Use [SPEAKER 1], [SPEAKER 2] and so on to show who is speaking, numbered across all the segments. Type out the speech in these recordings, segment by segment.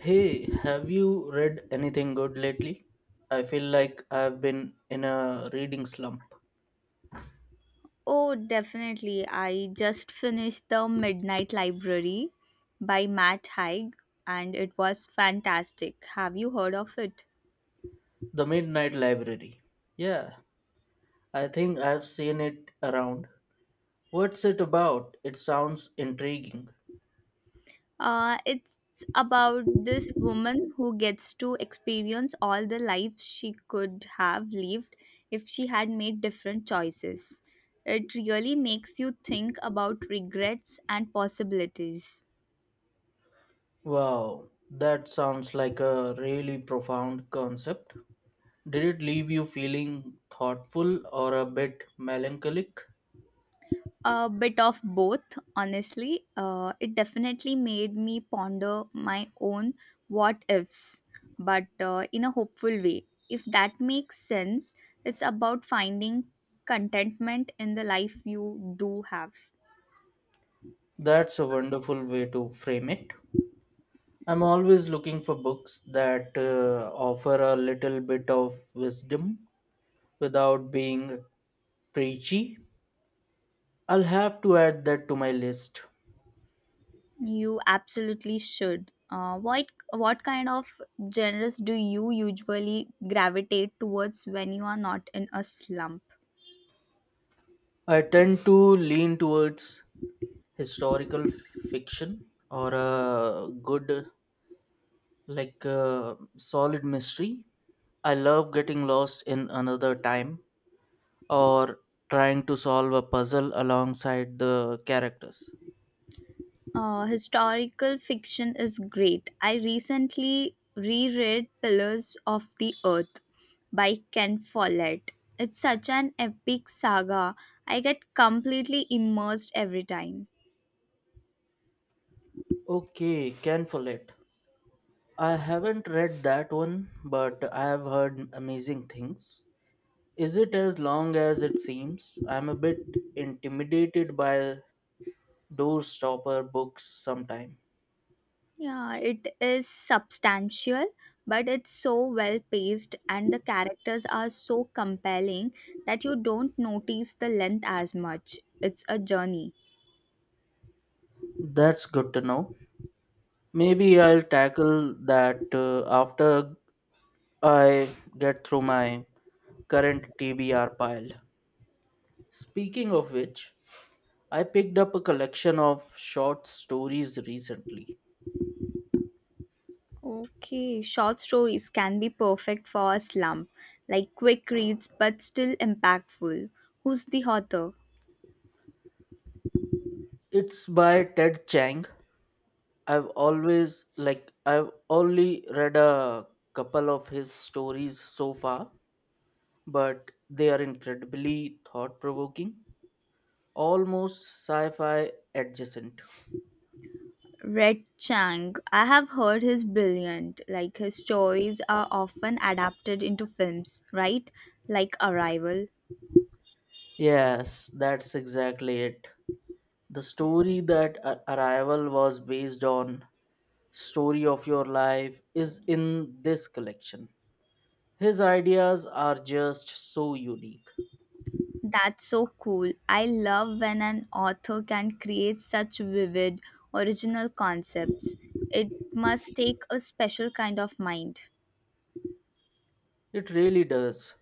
[SPEAKER 1] Hey, have you read anything good lately? I feel like I've been in a reading slump.
[SPEAKER 2] Oh, definitely. I just finished The Midnight Library by Matt Haig and it was fantastic. Have you heard of it?
[SPEAKER 1] The Midnight Library. Yeah, I think I've seen it around. What's it about? It sounds intriguing.
[SPEAKER 2] It's about this woman who gets to experience all the lives she could have lived if she had made different choices. It really makes you think about regrets and possibilities.
[SPEAKER 1] Wow, that sounds like a really profound concept. Did it leave you feeling thoughtful or a bit melancholic?
[SPEAKER 2] A bit of both, honestly. It definitely made me ponder my own what ifs, but in a hopeful way, if that makes sense. It's about finding contentment in the life you do have.
[SPEAKER 1] That's a wonderful way to frame it. I'm always looking for books that offer a little bit of wisdom without being preachy. I'll have to add that to my list.
[SPEAKER 2] You absolutely should. What kind of genres do you usually gravitate towards when you are not in a slump?
[SPEAKER 1] I tend to lean towards historical fiction or a good, like, solid mystery. I love getting lost in another time or trying to solve a puzzle alongside the characters.
[SPEAKER 2] Historical fiction is great. I recently reread Pillars of the Earth by Ken Follett. It's such an epic saga. I get completely immersed every time.
[SPEAKER 1] Okay, can for it. I haven't read that one, but I have heard amazing things. Is it as long as it seems? I'm a bit intimidated by doorstopper books sometime.
[SPEAKER 2] Yeah, it is substantial, but it's so well paced, and the characters are so compelling that you don't notice the length as much. It's a journey.
[SPEAKER 1] That's good to know. Maybe I'll tackle that after I get through my current TBR pile. Speaking of which, I picked up a collection of short stories recently.
[SPEAKER 2] Okay, short stories can be perfect for a slump, like quick reads but still impactful. Who's the author?
[SPEAKER 1] It's by Ted Chiang. I've always like I've only read a couple of his stories so far, but they are incredibly thought provoking, almost sci fi adjacent.
[SPEAKER 2] Red Chang. I have heard he's brilliant. Like, his stories are often adapted into films, right? Like Arrival.
[SPEAKER 1] Yes, that's exactly it. The story that Arrival was based on, Story of Your Life, is in this collection. His ideas are just so unique.
[SPEAKER 2] That's so cool. I love when an author can create such vivid, original concepts. It must take a special kind of mind.
[SPEAKER 1] It really does.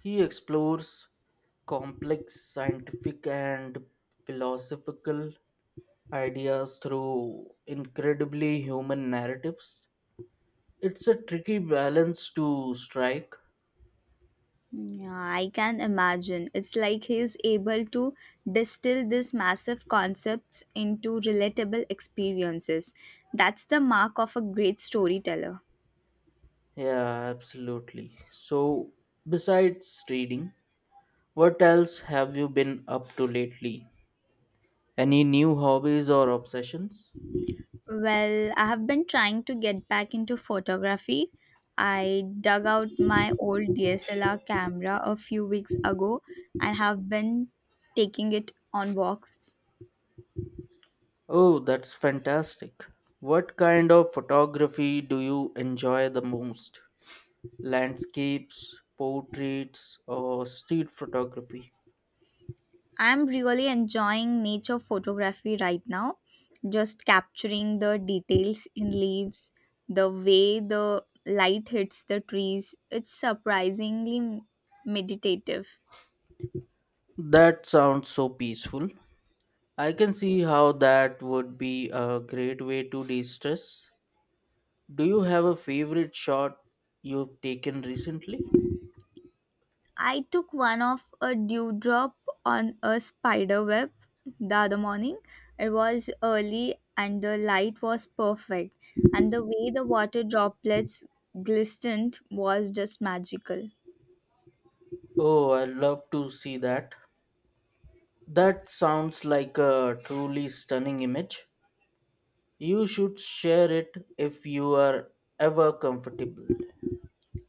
[SPEAKER 1] He explores complex scientific and philosophical ideas through incredibly human narratives. It's a tricky balance to strike.
[SPEAKER 2] Yeah, I can imagine. It's like he's able to distill these massive concepts into relatable experiences. That's the mark of a great storyteller.
[SPEAKER 1] Yeah, absolutely. So, besides reading, what else have you been up to lately? Any new hobbies or obsessions?
[SPEAKER 2] Well, I have been trying to get back into photography. I dug out my old DSLR camera a few weeks ago and have been taking it on walks.
[SPEAKER 1] Oh, that's fantastic. What kind of photography do you enjoy the most? Landscapes, portraits, or street photography.
[SPEAKER 2] I'm really enjoying nature photography right now, just capturing the details in leaves, the way the light hits the trees. It's surprisingly meditative.
[SPEAKER 1] That sounds so peaceful. I can see how that would be a great way to de stress. Do you have a favorite shot you've taken recently?
[SPEAKER 2] I took one of a dewdrop on a spider web the other morning. It was early and the light was perfect, and the way the water droplets glistened was just magical.
[SPEAKER 1] Oh, I love to see that. That sounds like a truly stunning image. You should share it if you are ever comfortable.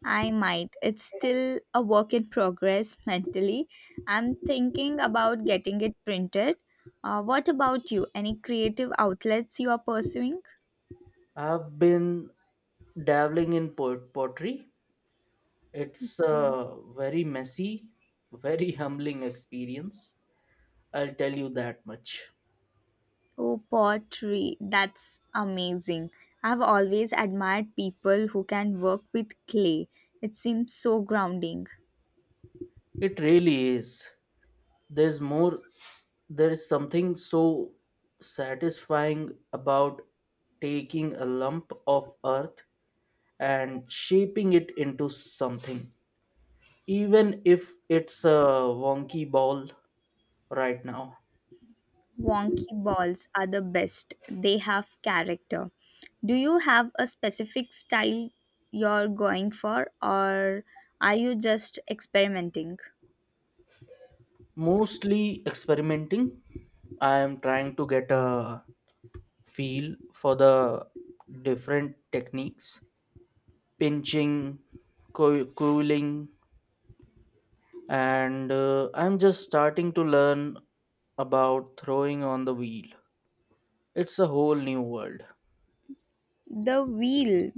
[SPEAKER 2] I might. It's still a work in progress mentally. I'm thinking about getting it printed. What about you? Any creative outlets you are pursuing?
[SPEAKER 1] I've been dabbling in pottery. It's a very messy, very humbling experience. I'll tell you that much.
[SPEAKER 2] Oh, pottery. That's amazing. I've always admired people who can work with clay. It seems so grounding.
[SPEAKER 1] It really is. There's more, there's something so satisfying about taking a lump of earth and shaping it into something, even if it's a wonky ball right now.
[SPEAKER 2] Wonky balls are the best. They have character. Do you have a specific style you're going for, or are you just experimenting?
[SPEAKER 1] Mostly experimenting. I am trying to get a feel for the different techniques, pinching, cooling, and I'm just starting to learn about throwing on the wheel. It's a whole new world.
[SPEAKER 2] The wheel.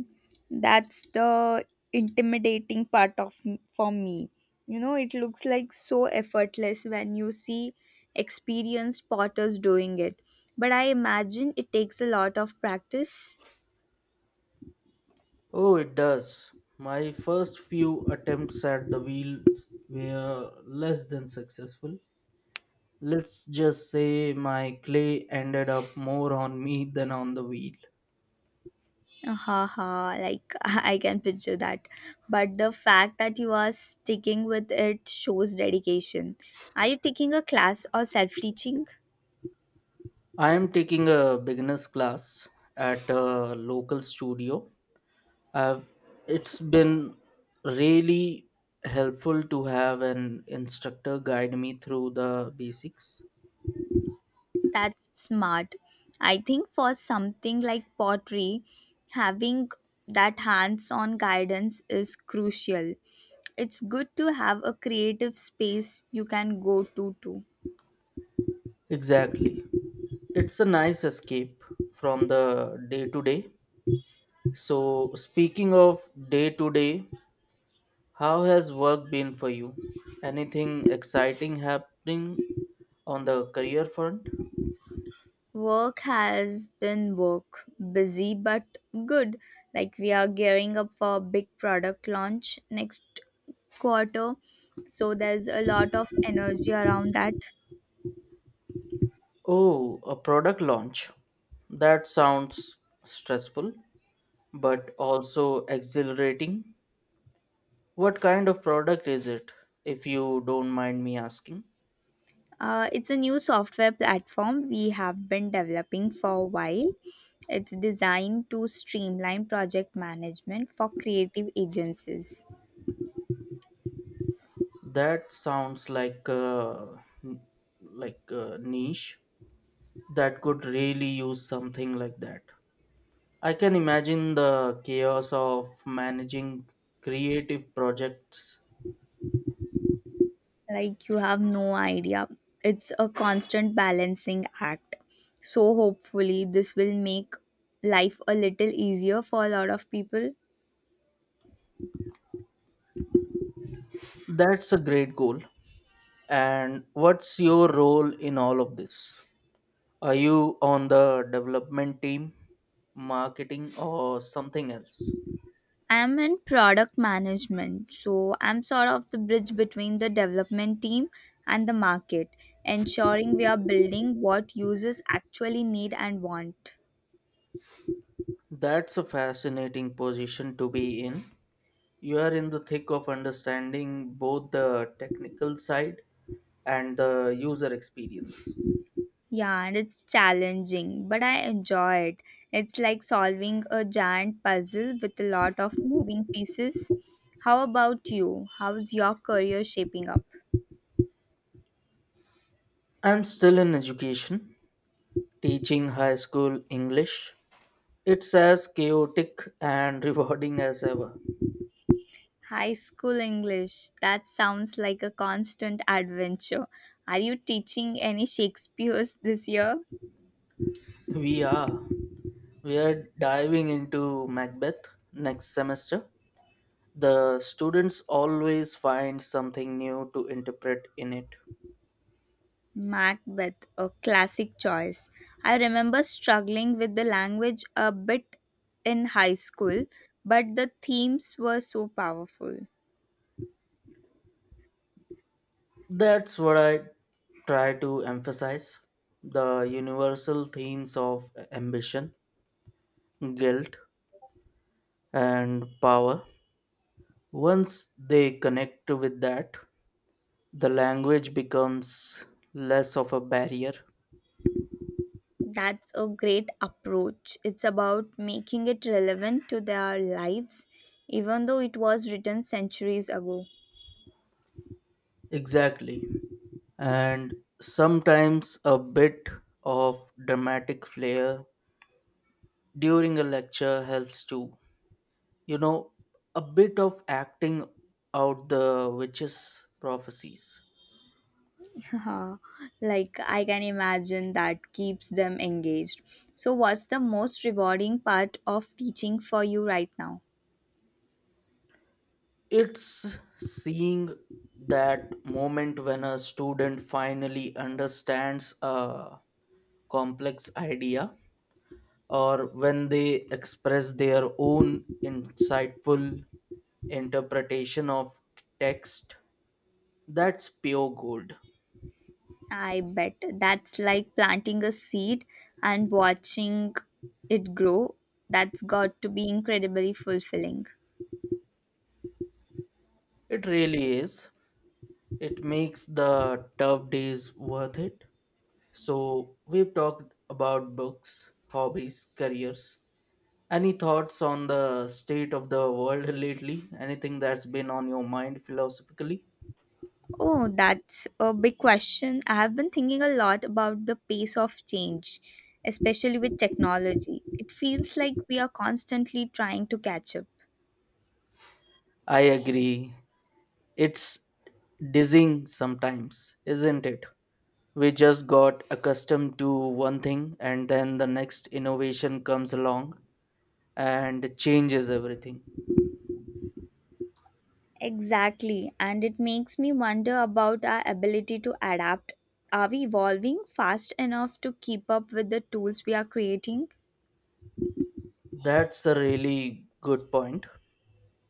[SPEAKER 2] That's the intimidating part for me. You know, it looks like so effortless when you see experienced potters doing it. But I imagine it takes a lot of practice.
[SPEAKER 1] Oh, it does. My first few attempts at the wheel were less than successful. Let's just say my clay ended up more on me than on the wheel.
[SPEAKER 2] Haha, like, I can picture that. But the fact that you are sticking with it shows dedication. Are you taking a class or self teaching?
[SPEAKER 1] I am taking a beginners class at a local studio. I've, it's been really helpful to have an instructor guide me through the basics.
[SPEAKER 2] That's smart. I think for something like pottery, having that hands on guidance is crucial. It's good to have a creative space you can go to too.
[SPEAKER 1] Exactly. It's a nice escape from the day to day. So, speaking of day to day, how has work been for you? Anything exciting happening on the career front?
[SPEAKER 2] Work has been work, busy but good. Like, we are gearing up for a big product launch next quarter, so there's a lot of energy around that.
[SPEAKER 1] Oh, a product launch. That sounds stressful, but also exhilarating. What kind of product is it, if you don't mind me asking?
[SPEAKER 2] It's a new software platform we have been developing for a while. It's designed to streamline project management for creative agencies.
[SPEAKER 1] That sounds like n- like a niche that could really use something like that. I can imagine the chaos of managing creative projects.
[SPEAKER 2] Like, you have no idea. It's a constant balancing act, so hopefully this will make life a little easier for a lot of people.
[SPEAKER 1] That's a great goal. And what's your role in all of this? Are you on the development team, marketing, or something else?
[SPEAKER 2] I'm in product management, so I'm sort of the bridge between the development team and the market, ensuring we are building what users actually need and want.
[SPEAKER 1] That's a fascinating position to be in. You are in the thick of understanding both the technical side and the user experience.
[SPEAKER 2] Yeah, and it's challenging, but I enjoy it. It's like solving a giant puzzle with a lot of moving pieces. How about you? How's your career shaping up?
[SPEAKER 1] I'm still in education, teaching high school English. It's as chaotic and rewarding as ever.
[SPEAKER 2] High school English, that sounds like a constant adventure. Are you teaching any Shakespeare's this year?
[SPEAKER 1] We are. We are diving into Macbeth next semester. The students always find something new to interpret in it.
[SPEAKER 2] Macbeth, a classic choice. I remember struggling with the language a bit in high school, but the themes were so powerful.
[SPEAKER 1] That's what I try to emphasize, the universal themes of ambition, guilt, and power. Once they connect with that, the language becomes less of a barrier.
[SPEAKER 2] That's a great approach. It's about making it relevant to their lives, even though it was written centuries ago.
[SPEAKER 1] Exactly. And sometimes a bit of dramatic flair during a lecture helps too. You know, a bit of acting out the witches' prophecies.
[SPEAKER 2] Like, I can imagine that keeps them engaged. So, what's the most rewarding part of teaching for you right now?
[SPEAKER 1] It's seeing that moment when a student finally understands a complex idea, or when they express their own insightful interpretation of text. That's pure gold.
[SPEAKER 2] I bet that's like planting a seed and watching it grow. That's got to be incredibly fulfilling.
[SPEAKER 1] It really is. It makes the tough days worth it. So, we've talked about books, hobbies, careers. Any thoughts on the state of the world lately? Anything that's been on your mind philosophically?
[SPEAKER 2] Oh, that's a big question. I have been thinking a lot about the pace of change, especially with technology. It feels like we are constantly trying to catch up.
[SPEAKER 1] I agree. It's dizzying sometimes, isn't it? We just got accustomed to one thing, and then the next innovation comes along and changes everything.
[SPEAKER 2] Exactly, and it makes me wonder about our ability to adapt. Are we evolving fast enough to keep up with the tools we are creating?
[SPEAKER 1] That's a really good point.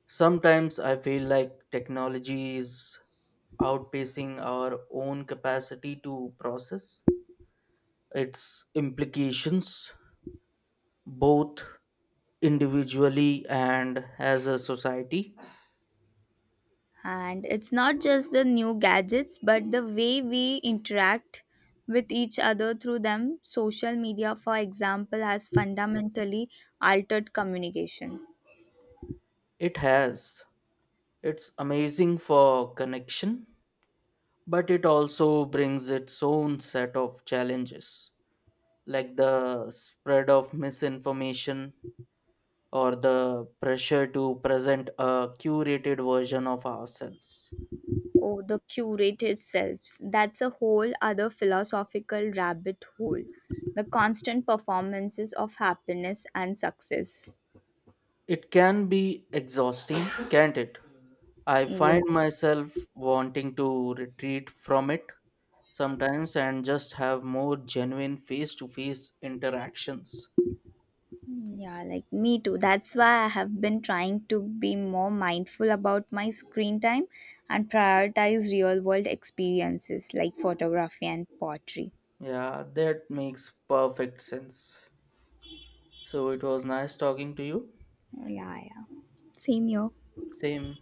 [SPEAKER 1] Sometimes I feel like technology is outpacing our own capacity to process its implications, both individually and as a society.
[SPEAKER 2] And it's not just the new gadgets, but the way we interact with each other through them. Social media, for example, has fundamentally altered communication.
[SPEAKER 1] It has. It's amazing for connection, but it also brings its own set of challenges, like the spread of misinformation or the pressure to present a curated version of ourselves.
[SPEAKER 2] Oh, the curated selves. That's a whole other philosophical rabbit hole. The constant performances of happiness and success.
[SPEAKER 1] It can be exhausting, can't it? I
[SPEAKER 2] Yeah.
[SPEAKER 1] find myself wanting to retreat from it sometimes and just have more genuine face to face interactions.
[SPEAKER 2] Yeah, like, me too. That's why I have been trying to be more mindful about my screen time and prioritize real world experiences like photography and pottery.
[SPEAKER 1] Yeah, that makes perfect sense. So it was nice talking to you.
[SPEAKER 2] Oh, yeah, yeah. Same here.
[SPEAKER 1] Same.